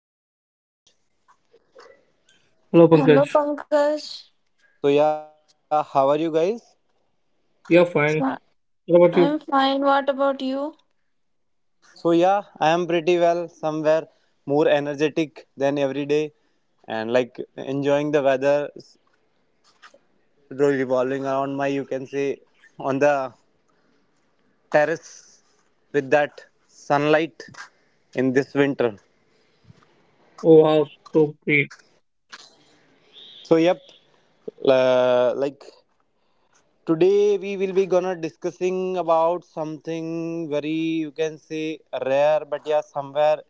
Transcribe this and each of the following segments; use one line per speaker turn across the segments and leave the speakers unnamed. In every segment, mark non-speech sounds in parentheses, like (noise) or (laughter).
Shahid, welcome to the podcast.
Hello, Pankaj.
Hello, Pankaj.
How are you guys?
We are fine.
So-
What about you?
I'm fine. What about you?
I am pretty well, somewhere more energetic than every day, and like enjoying revolving around my, you can say, on the terrace with that sunlight in this winter.
Oh, wow. So great.
So, uh, like today we will be gonna discussing about something very you can say rare but yeah somewhere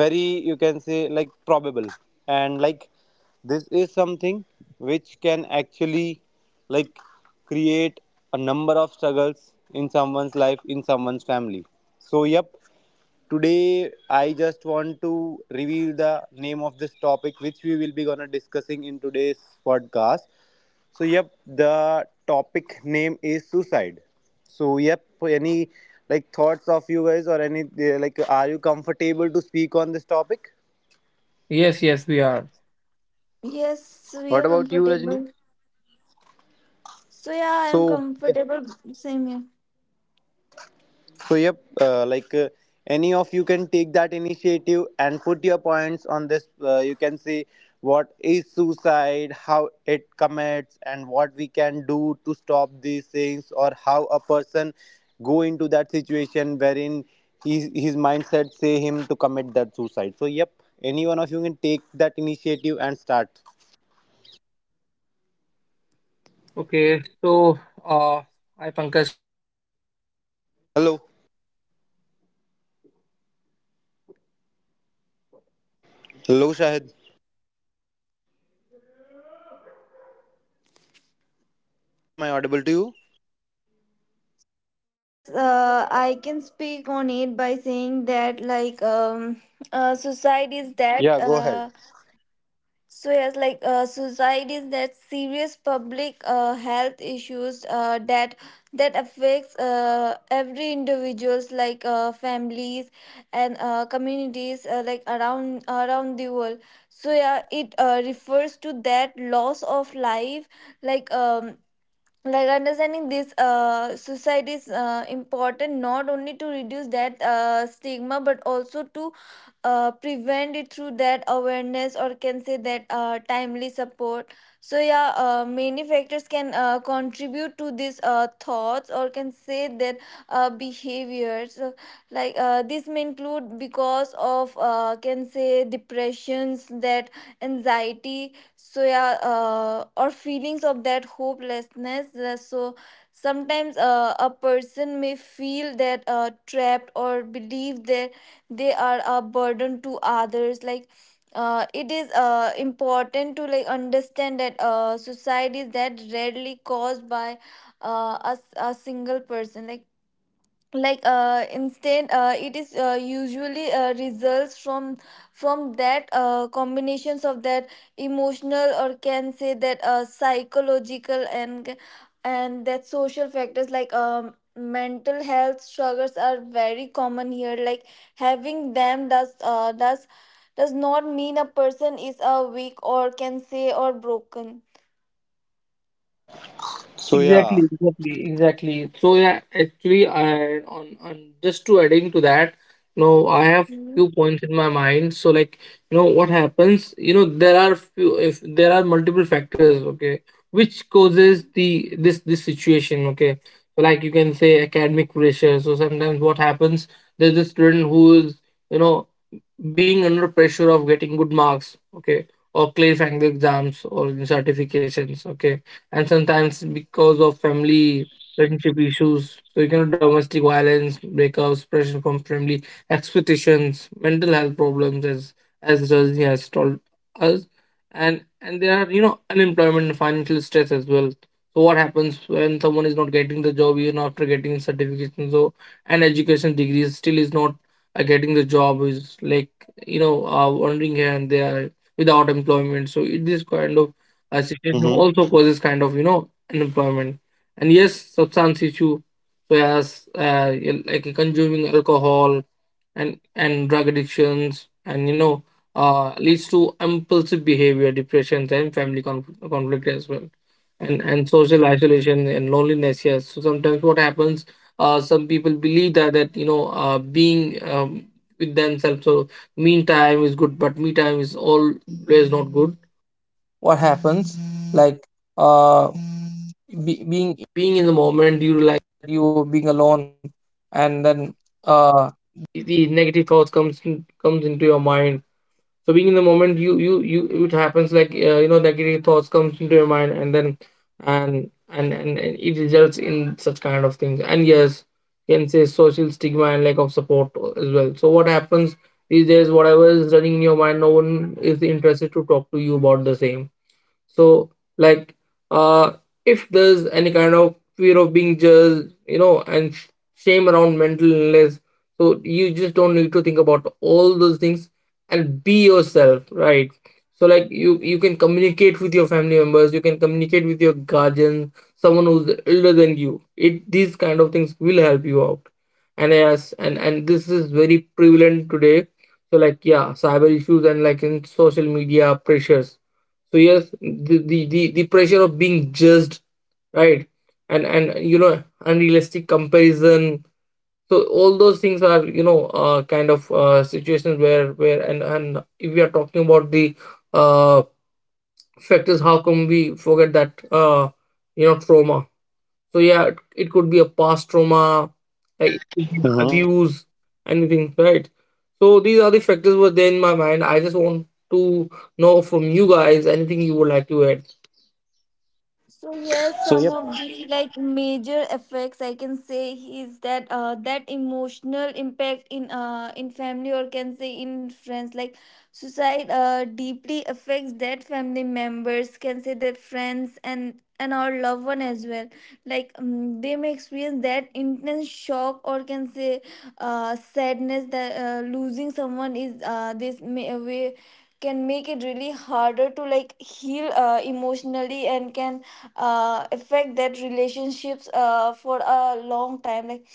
very you can say like probable and like this is something which can actually like create a number of struggles in someone's life in someone's family, so yep. Today, I just want to reveal the name of this topic which we will be gonna discussing in today's podcast. So, yep, the topic name is suicide. So, yep, any like thoughts of you guys or any like, are you comfortable to speak on this topic?
Yes, yes, we are.
Yes, we
What
are
about you, Rajni?
comfortable. So, yeah, I am
So, yeah.
comfortable. Same here.
So any of you can take that initiative and put your points on this. You can see what is suicide, how it commits, and what we can do to stop these things, or how a person go into that situation wherein his mindset say him to commit that suicide. So yep, any one of you can take that initiative and start.
Okay. So, hi, Pankaj Shahid, this side. Hi, Rajni.
Hello.
So, uh, I just want to take the initiative and would like to
Hello,
liberate
Shahid.
it. So, what happens? Society in India is a complex social and, you know, mental
Shahid, am
health
I
issue
audible to
with
you?
multiple, uh, often
Yes,
overlapping causes.
I
Okay.
can
The
speak on
main
it by
ones
saying
are, you
that,
know, identified as like, you can say,
society is that.
Yeah, go
you
ahead.
Uh,
know,
So
like
yes,
I just want to tell you about
suicide is
some
that
some
serious
points, okay,
public
so
health
due to
issues
which
that
this
that
thing
affects
is causing a lot,
every individuals like
right?
families and communities like around
So
around the world.
are you guys
So
there?
yeah, it refers to that loss of life like um, like understanding this suicide is important not only to reduce that stigma but also to prevent it through that awareness or can say that timely support. So yeah, many factors can contribute to these thoughts or can say that behaviors. So, this may include because of can say depressions, that anxiety. So yeah, or feelings of that hopelessness. So sometimes a person may feel that trapped or believe that they are a burden to others. Like it is important to like understand that society is that rarely caused by a single person, like instant it is usually results from that combinations of that emotional, or can say that psychological, and that social factors. Like mental health struggles are very common here. Like having them does not mean a person is a weak, or can say, or broken.
So, yeah.
Exactly, exactly, exactly. So yeah, actually, I on just to adding to that, you know, I have few points in my mind. So like, you know, what happens? You know, there are few if there are multiple factors, okay, which causes the this situation, okay. So like you can say academic pressure. So sometimes what happens? There's a student who is, you know, being under pressure of getting good marks, okay, or clarifying the exams or the certifications, okay, and sometimes because of family relationship issues. So, you know, domestic violence, breakups, pressure from family expectations, mental health problems, as Rajni has told us. And there are, you know, unemployment and financial stress as well. So what happens when someone is not getting the job even after getting certification, so an education degree, still is not getting the job, is like, you know, wandering here and there without employment. So this kind of situation also
Mm-hmm.
causes kind of, you know, unemployment. And yes, substance issue. So as like consuming alcohol and drug addictions, and, you know, leads to impulsive behavior, depressions, and family conflict as well. And social isolation and loneliness. Yes, so sometimes what happens, some people believe that you know, being with themselves. So mean time is good, but so being in the moment, you it happens like, you know, negative thoughts comes into your mind, and then and it results in such kind of things. And yes, you can say social stigma and lack of support as well. So what happens these days, whatever is running in your mind, no one is interested to talk to you about the same. So like, uh if there's any kind of fear of being judged, you know, and shame around mental illness. So you just don't need to think about all those things and be yourself, right? So like you can communicate with your family members, you can communicate with your guardian, someone who's older than you. It these kind of things will help you out. And yes and and this is very prevalent today. So like, yeah, cyber issues, and like, in social media pressures. So yes, the the pressure of being judged, right? And you know, unrealistic comparison. So all those things are, you know, kind of situations where and if we are talking about the uh factors, how come we forget that, you know, trauma. So yeah, it could be a past trauma, like it could be
Mm-hmm.
abuse, anything, right? So these are the factors were there in my mind. I just want to know from you guys, anything you would like to add.
So yes,
So
some
yep.
of the like major effects I can say is that that emotional impact in family, or can say in friends. Like suicide deeply affects that family members, can say their friends and our loved one as well. Like they may experience that intense shock or can say sadness that losing someone is this may way, can make it really harder to like heal emotionally, and can affect that relationships for a long time. Like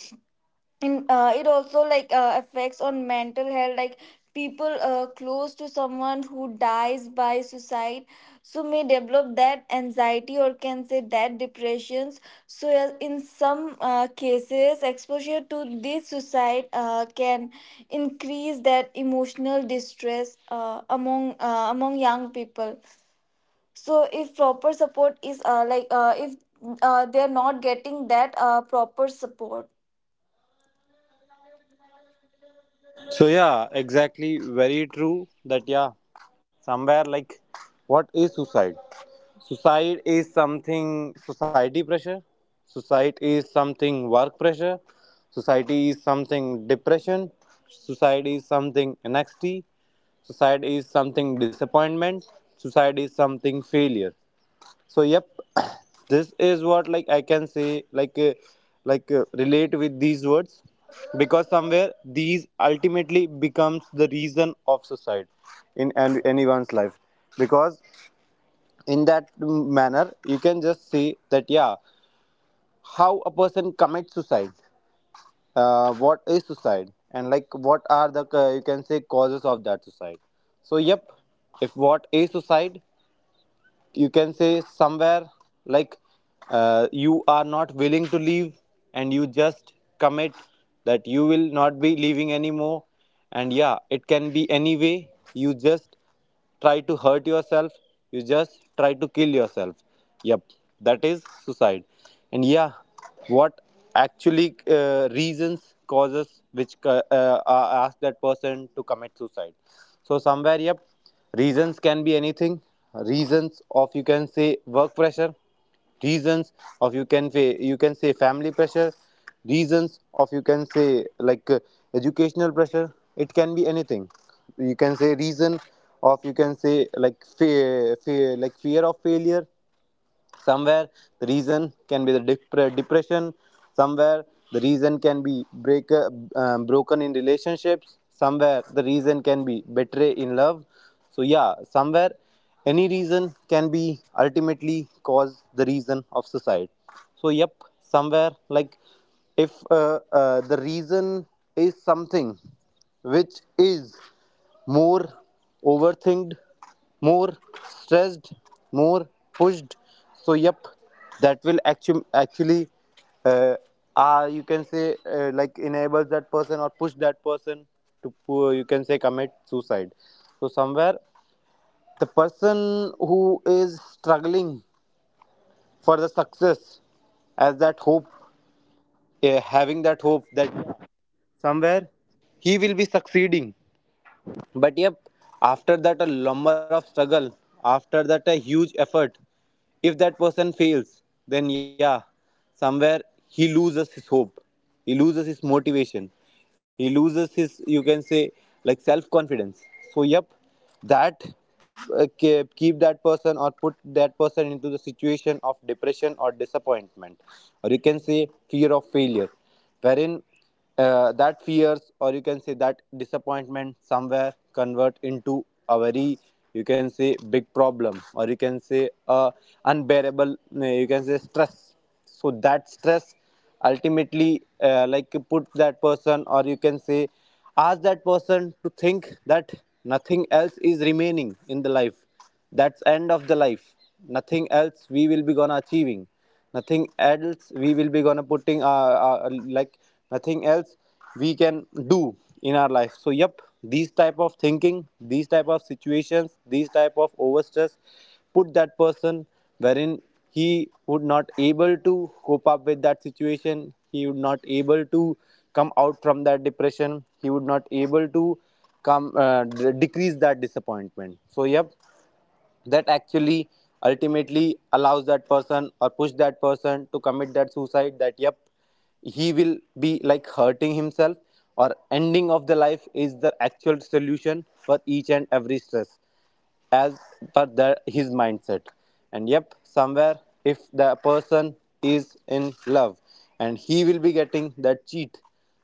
in it also like affects on mental health. Like people close to someone who dies by suicide so may develop that anxiety or can say that depressions. So yes, in some cases, exposure to this suicide can increase that emotional distress among young people. So if proper support is like if they are not getting that proper support.
So yeah, exactly. Very true. That yeah, somewhere like, what is suicide? Suicide is something society pressure. Suicide is something work pressure. Society is something depression. Society is something anxiety. Suicide is something disappointment. Suicide is something failure, so yep. (coughs) (clears throat) This is what like I can say, like relate with these words, because somewhere these ultimately becomes the reason of suicide in anyone's life, because in that manner you can just see that, yeah, how a person commits suicide, what is suicide, and like what are the you can say causes of that suicide. So yep, if what is suicide, you can say somewhere, like, you are not willing to leave, and you just commit that you will not be leaving anymore. And yeah, it can be any way, you just try to hurt yourself, you just try to kill yourself. Yep, that is suicide. And yeah, what actually reasons causes which ask that person to commit suicide. So somewhere yep, reasons can be anything. Reasons of you can say work pressure. Reasons of you can you can say family pressure. Reasons of you can say like educational pressure. It can be anything. You can say reason of you can say like fear of failure. Somewhere the reason can be the depression. Somewhere the reason can be break, broken in relationships. Somewhere the reason can be betray in love. So yeah, somewhere any reason can be ultimately cause the reason of suicide. So yep, somewhere like, if the reason is something which is more overthinked, more stressed, more pushed. So, yep, that will actually uh, you can say like enables that person or push that person to you can say commit suicide. So somewhere the person who is struggling for the success as that hope, having that hope that somewhere he will be succeeding. But yep, after that a lumber of struggle, after that a huge effort, if that person fails, then yeah, somewhere he loses his hope, he loses his motivation, he loses his, you can say, like self confidence. So yep, that keep that person or put that person into the situation of depression or disappointment, or you can say fear of failure, wherein that fears, or you can say that disappointment, somewhere convert into a very you can say big problem, or you can say unbearable you can say stress. So that stress ultimately like put that person, or you can say ask that person to think that nothing else is remaining in the life, that's end of the life, nothing else we will be gonna achieving, nothing else we will be gonna putting like nothing else we can do in our life. So yep, these type of thinking, these type of situations, these type of overstress put that person wherein he would not able to cope up with that situation, he would not able to come out from that depression, he would not able to come decrease that disappointment. So yep, that actually ultimately allows that person or push that person to commit that suicide, that yep, he will be like hurting himself, or ending of the life is the actual solution for each and every stress as per his mindset. And yep, somewhere if the person is in love and he will be getting that cheat,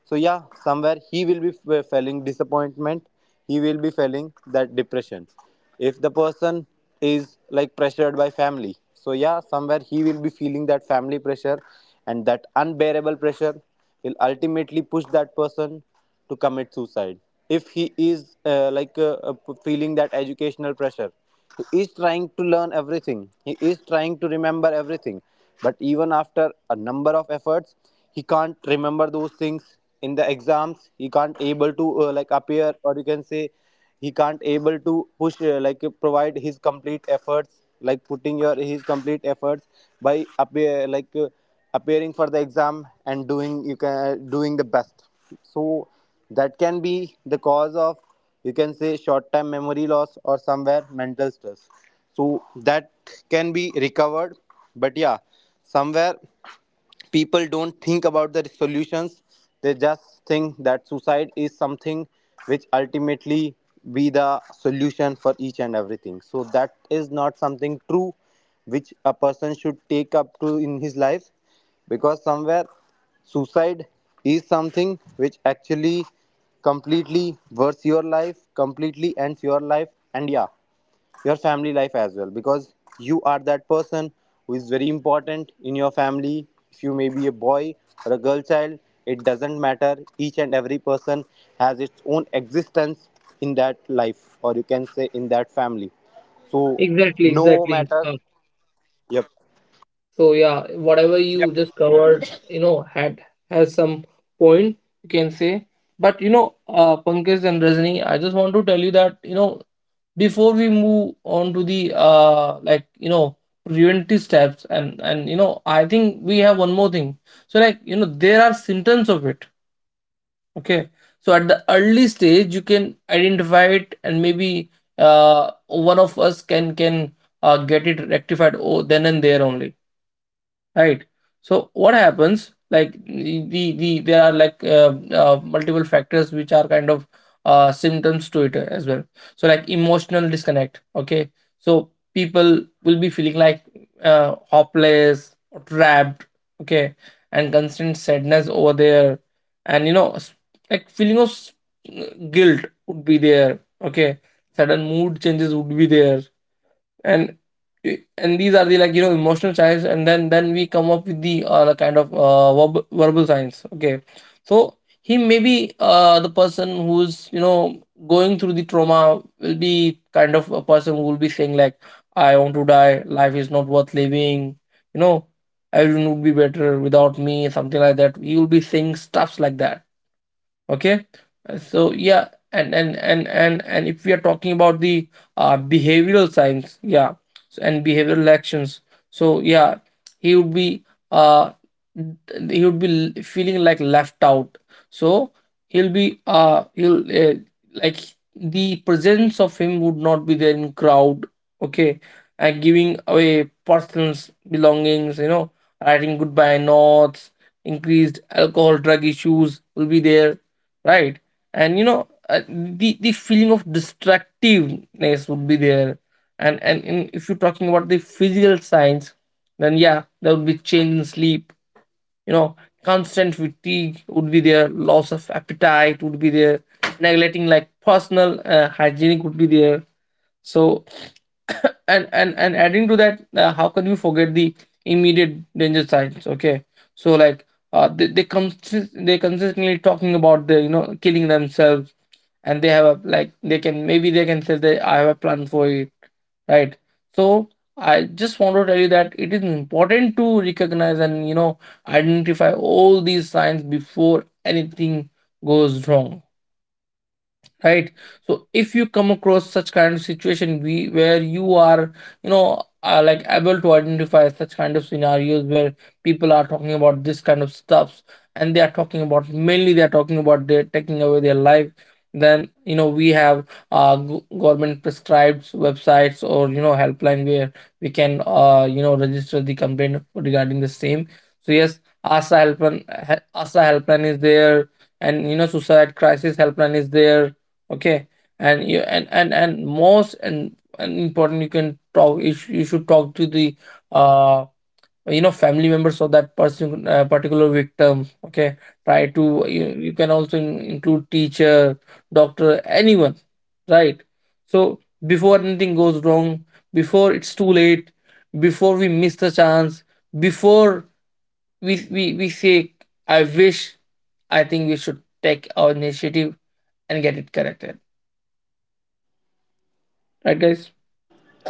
so yeah, somewhere he will be feeling disappointment. He will be feeling that depression. If the person is like pressured by family, so yeah, somewhere he will be feeling that family pressure, and that unbearable pressure will ultimately push that person to commit suicide. If he is feeling that educational pressure, he is trying to learn everything, he is trying to remember everything, but even after a number of efforts he can't remember those things in the exams, he can't able to like appear, or you can say he can't able to push provide his complete efforts, like putting your his complete efforts by appearing for the exam and doing, you can doing the best. So that can be the cause of, you can say, short term memory loss, or somewhere mental stress. So that can be recovered. But yeah, somewhere people don't think about the solutions, they just think that suicide is something which ultimately be the solution for each and everything. So that is not something true which a person should take up to in his life, because somewhere suicide is something which actually completely worth your life, completely ends your life. And yeah, your family life as well, because you are that person who is very important in your family. If you may be a boy or a girl child, it doesn't matter. Each and every person has its own existence in that life, or you can say in that family. So
Exactly,
no
exactly.
matter. Yep.
So yeah, whatever
Yep.
you just covered, you know, had has some point, you can say. But you know, Pankaj and Rajni, I just want to tell you that, you know, before we move on to the like, you know, preventive steps, and you know, I think we have one more thing. So like, you know, there are symptoms of it. Okay, so at the early stage, you can identify it, and maybe one of us can get it rectified, oh, then and there only, right? So what happens, like the there are like, multiple factors which are kind of symptoms to it as well. So like emotional disconnect, okay? So people will be feeling like, hopeless or trapped, okay, and constant sadness over there. And you know, like feeling of guilt would be there, okay. Sudden mood changes would be there. and and these are the, like, you know, emotional science. And then we come up with the, kind of verbal science, okay. So he may be the person who's, you know, going through the trauma, will be kind of a person who will be saying like, I want to die, life is not worth living, you know, everyone would be better without me, something like that. He will be saying stuffs like that, okay. So yeah, and if we are talking about the behavioral science, yeah, so, and behavioral actions. So yeah, he would be uh he would be feeling like left out. So he'll be he'll like, the presence of him would not be there in crowd, okay. And giving away person's belongings, you know, writing goodbye notes, increased alcohol drug issues will be there, right? And you know, the feeling of distractiveness would be there. And if you're talking about the physical signs, then yeah, there would be change in sleep, you know, constant fatigue would be there, loss of appetite would be there, neglecting, like, personal hygienic would be there, so. And adding to that, how can you forget the immediate danger signs, okay? So like, they consistently talking about, the you know, killing themselves, and they have a, like, they can, maybe they can say that I have a plan for it, right? So I just want to tell you that it is important to recognize and, you know, identify all these signs before anything goes wrong, right? So if you come across such kind of situation, we where you are, you know, are like, able to identify such kind of scenarios where people are talking about this kind of stuffs, and they are talking about, mainly they are talking about they're taking away their life. Then, you know, we have government prescribed websites, or you know, helpline, where we can, you know, register the complaint regarding the same. So yes, asa helpline, asa helpline is there, and you know, suicide crisis helpline is there, okay. And you and most and important, you can talk, you should talk to the uh you know, family members of that person, particular victim, okay. Try to, you can also include teacher, doctor, anyone, right? So before anything goes wrong, before it's too late, before we miss the chance, before we say I wish, I think we should take our initiative and get it corrected. Right, guys?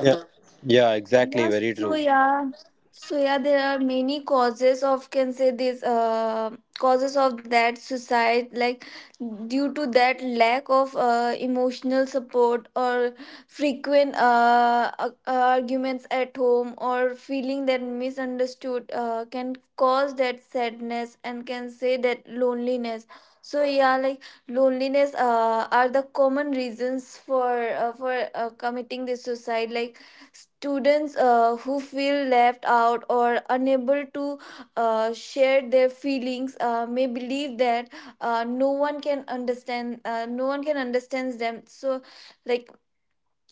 Yeah. Yeah, exactly.
Yes,
Very
so
true.
yeah, there are many causes of can say this causes of that suicide, like due to that lack of emotional support, or frequent arguments at home, or feeling that misunderstood can cause that sadness and can say that loneliness. So yeah, like loneliness are the common reasons for committing this suicide. Like students who feel left out or unable to share their feelings may believe that no one can understand them. So like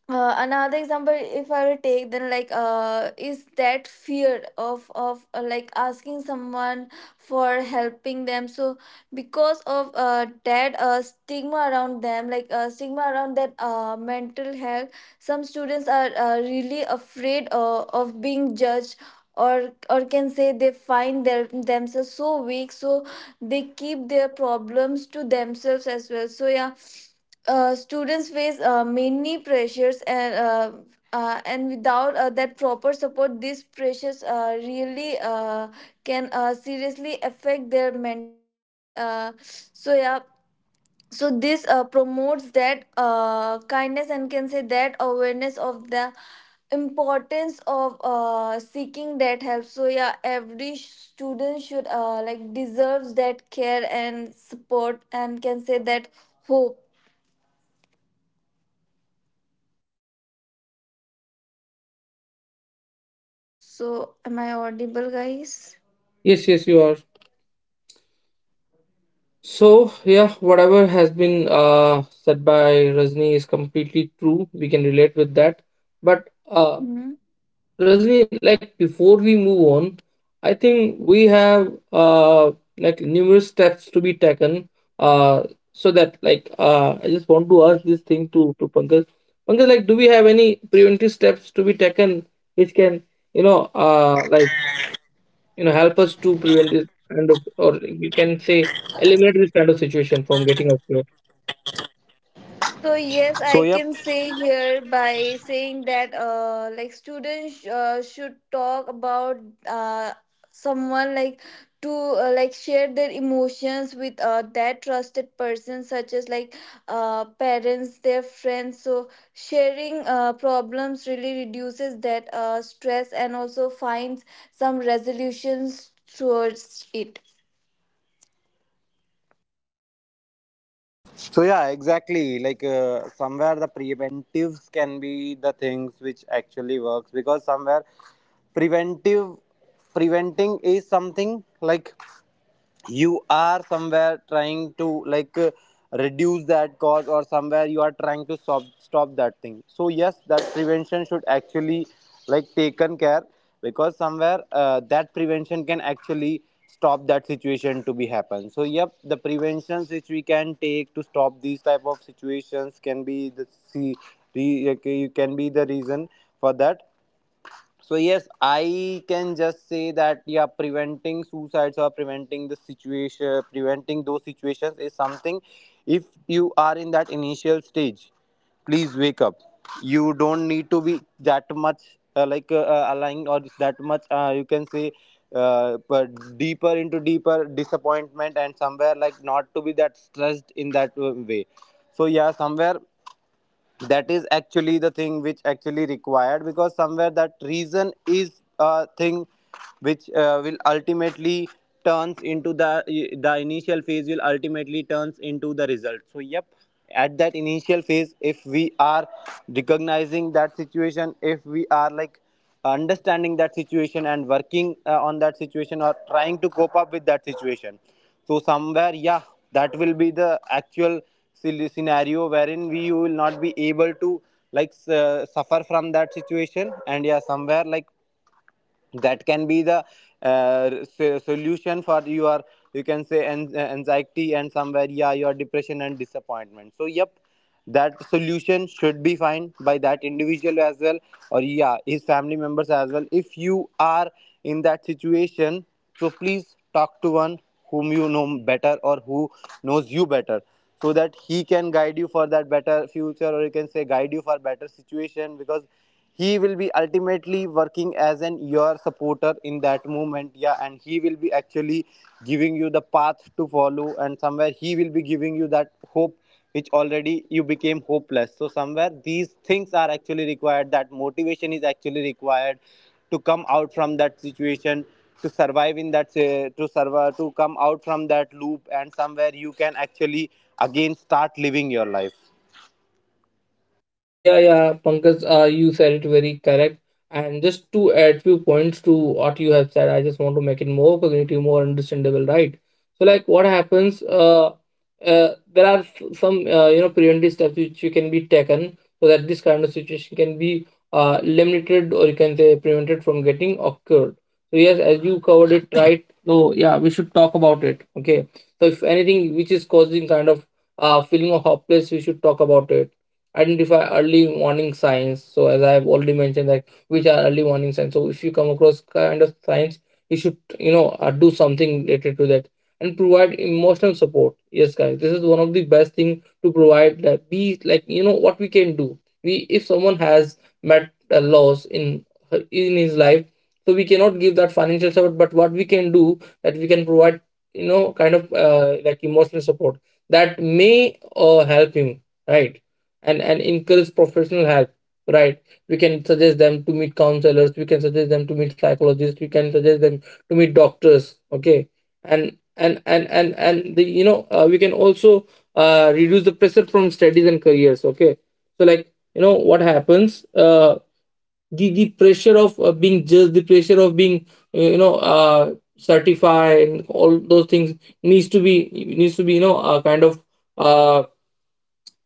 another example if I were to take, then is that fear of like asking someone for helping them. So because of that stigma around them, like stigma around that mental health, some students are really afraid of being judged, or can say they find their themselves so weak. So they keep their problems to themselves as well. So yeah, students face many pressures, and without that proper support these pressures really can seriously affect their mental health. So yeah, so this promotes that kindness and can say that awareness of the importance of seeking that help. So yeah, every student should like deserves that care and support, and can say that hope. So, am I audible, guys?
Yes, yes, you are. So, yeah, whatever has been, said by Rajni is completely true. We can relate with that. But,
Hmm.
Rajni, like, before we move on, I think we have, like, numerous steps to be taken. Uh, so that, like, I just want to ask this thing to Pankaj. Pankaj, like, do we have any preventive steps to be taken which can, you know, like, you know, help us to prevent this kind of, or you can say, eliminate this kind of situation from getting occur.
So yes,
So
I
yep.
can say here by saying that like students should talk about uh, someone, like to like share their emotions with that trusted person, such as like parents, their friends. So sharing problems really reduces that stress and also finds some resolutions towards it.
So yeah, exactly. Like somewhere the preventives can be the things which actually works because somewhere preventive preventing is something like you are somewhere trying to like reduce that cause, or somewhere you are trying to stop that thing. So yes, that prevention should actually like taken care, because somewhere that prevention can actually stop that situation to be happen. So yep, the preventions which we can take to stop these type of situations can be the can be the reason for that. So yes, I can just say that yeah, preventing suicides or preventing the situation, preventing those situations is something. If you are in that initial stage, please wake up. You don't need to be that much aligned or that much. You can say but deeper into deeper disappointment, and somewhere like not to be that stressed in that way. So yeah, somewhere that is actually the thing which actually required, because somewhere that reason is a thing which will ultimately turns into the initial phase will ultimately turns into the result. So yep, at that initial phase if we are recognizing that situation, if we are like understanding that situation and working on that situation or trying to cope up with that situation, so somewhere yeah, that will be the actual scenario wherein we will not be able to like suffer from that situation. And yeah, somewhere like that can be the solution for your, you can say anxiety and somewhere yeah, your depression and disappointment. So yep, that solution should be found by that individual as well, or yeah, his family members as well. If you are in that situation, so please talk to one whom you know better or who knows you better, so that he can guide you for that better future, or you can say guide you for better situation, because he will be ultimately working as an your supporter in that moment. Yeah, and he will be actually giving you the path to follow, and somewhere he will be giving you that hope which already you became hopeless. So somewhere these things are actually required, that motivation is actually required to come out from that situation, to survive in that to survive, to come out from that loop, and somewhere you can actually again start living your life.
Yeah, yeah, Pankaj, you said it very correct. And just to add few points to what you have said, I just want to make it more cognitive, more understandable, right? So, like, what happens? There are some, you know, preventive steps which you can be taken so that this kind of situation can be, limited, or you can say, prevented from getting occurred. So yes, as you covered it, right. So yeah, we should talk about it. Okay. So if anything which is causing kind of feeling of hopeless, we should talk about it. Identify early warning signs. So as I have already mentioned that which are early warning signs, so if you come across kind of signs, you should, you know, do something related to that. And provide emotional support. Yes, guys, this is one of the best thing to provide that, be like, you know, what we can do, we if someone has met a loss in in his life, so we cannot give that financial support, but what we can do, that we can provide, you know, kind of like, emotional support. That may help him, right. And encourage professional help, right. We can suggest them to meet counselors, we can suggest them to meet psychologists, we can suggest them to meet doctors, okay. And the, you know, we can also reduce the pressure from studies and careers, okay. So like, you know, what happens, the pressure of being judged, the pressure of being, you know, certified, and all those things needs to be, you know, kind of uh,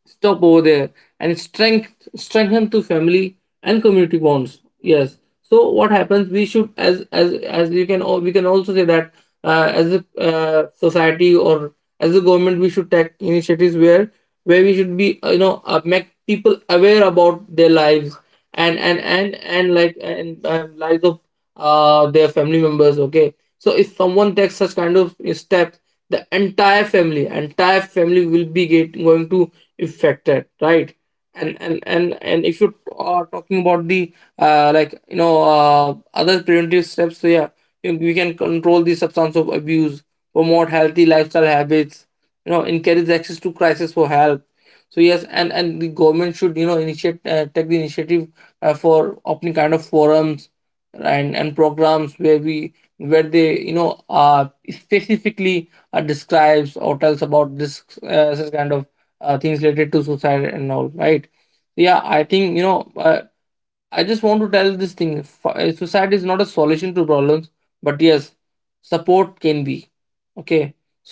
stop over there. And strength, strengthen to family and community bonds. Yes, so what happens, we should, as you can we can also say that, as a society, or as a government, we should take initiatives where we should be, you know, make people aware about their lives. And lives of their family members, okay. So if someone takes such kind of steps, the entire family, will be going to affected, right. And if you are talking about the like, you know, other preventive steps, so yeah, we can control the substance of abuse, promote healthy lifestyle habits, you know, encourage access to crisis for help. So yes, and the government should, you know, initiate, take the initiative for opening kind of forums, right, and programs where we where they, you know, specifically describes or tells about this, such kind of things related to suicide, and all right. Yeah, I think, you know, I just want to tell this thing, suicide is not a solution to problems, but yes, support can be, okay.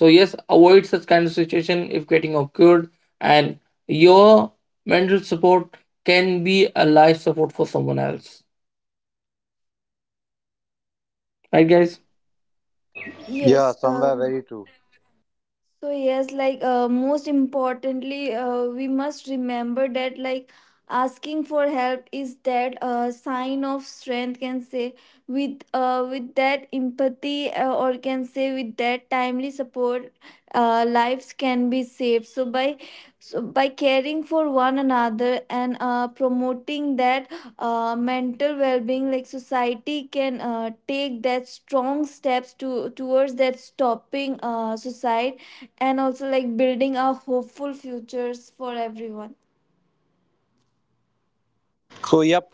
So yes, avoid such kind of situation if getting occurred, and your mental support can be a life support for someone else, right, guys?
Yeah,
Yes.
somewhere very true.
So yes, most importantly, we must remember that like asking for help is that sign of strength, can say with with that empathy or can say with that timely support, lives can be saved. So by, so by caring for one another and promoting that mental well-being, like society can take that strong steps to towards that stopping suicide, and also like building a hopeful futures for everyone.
So yep,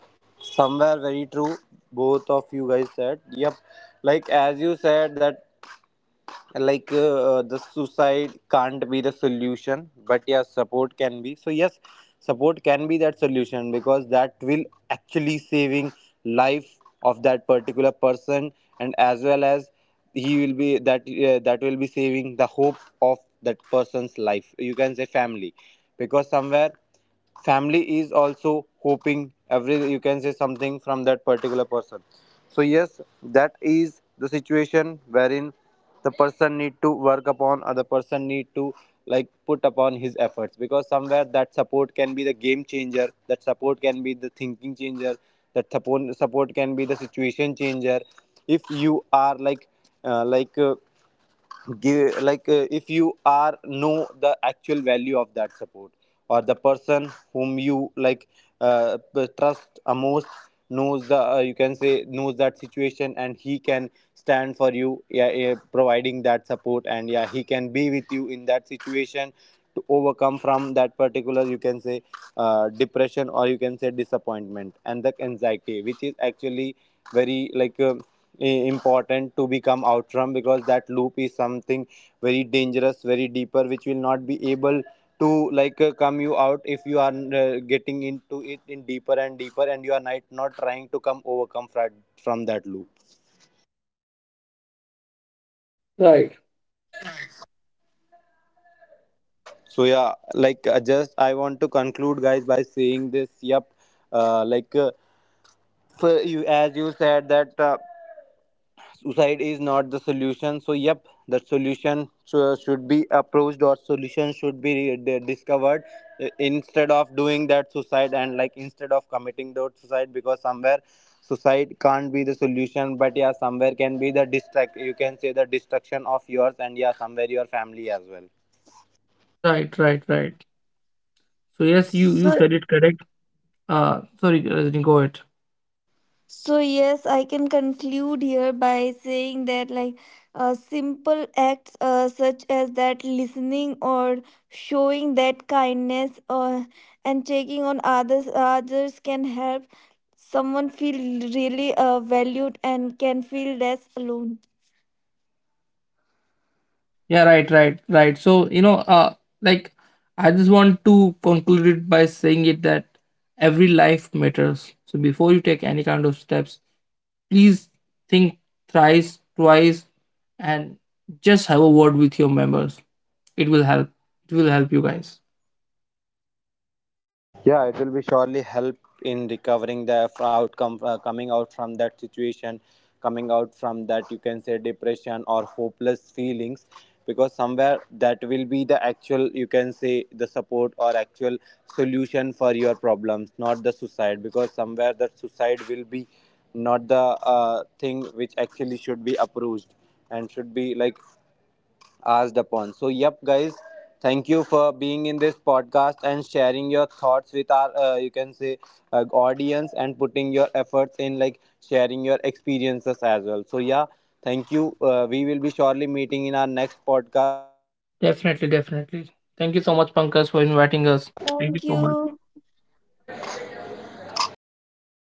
somewhere very true, both of you guys said. Yep, like as you said that, like the suicide can't be the solution, but yeah, support can be. So yes, support can be that solution, because that will actually saving life of that particular person, and as well as he will be that that will be saving the hope of that person's life, you can say family, because somewhere family is also hoping every, you can say, something from that particular person. So yes, that is the situation wherein the person need to work upon, or the person need to like put upon his efforts, because somewhere that support can be the game changer, that support can be the thinking changer, that support can be the situation changer, if you are like give like if you are know the actual value of that support, or the person whom you like trust a most, knows the, you can say, knows that situation and he can stand for you. Yeah, yeah, providing that support, and yeah, he can be with you in that situation to overcome from that particular, you can say, depression, or you can say disappointment and the anxiety, which is actually very like important to become out from, because that loop is something very dangerous, very deeper, which will not be able to like come you out if you are getting into it in deeper and deeper, and you are not trying to come overcome from that loop.
Right.
So yeah, like just I want to conclude guys by saying this. Yep, uh, like uh, for you, as you said that suicide is not the solution, so yep, the solution, so should be approached, or solution should be discovered, instead of doing that suicide, and like instead of committing that suicide, because somewhere suicide can't be the solution, but yeah, somewhere can be the destruct, you can say the destruction of yours, and yeah, somewhere your family as well.
Right, right, right. So yes, you
So,
said it correct. Sorry, Rajni, go ahead.
so yes, I can conclude here by saying that like simple acts such as that listening, or showing that kindness, or and checking on others can help someone feel really valued and can feel less alone.
Yeah, right, right, right. So, you know, like, I just want to conclude it by saying it that every life matters. So before you take any kind of steps, please think thrice, twice, and just have a word with your members. It will help. It will help you guys.
Yeah, it will be surely help in recovering the outcome, coming out from that situation, coming out from that, you can say, depression or hopeless feelings, because somewhere that will be the actual, you can say, the support or actual solution for your problems, not the suicide, because somewhere that suicide will be not the thing which actually should be approached and should be like asked upon. So yep, guys, thank you for being in this podcast and sharing your thoughts with our, you can say, audience, and putting your efforts in like sharing your experiences as well. So yeah, thank you. We will be surely meeting in our next podcast.
Definitely, definitely. Thank you so much, Pankaj, for inviting us. Thank you
Thank
so much.
you.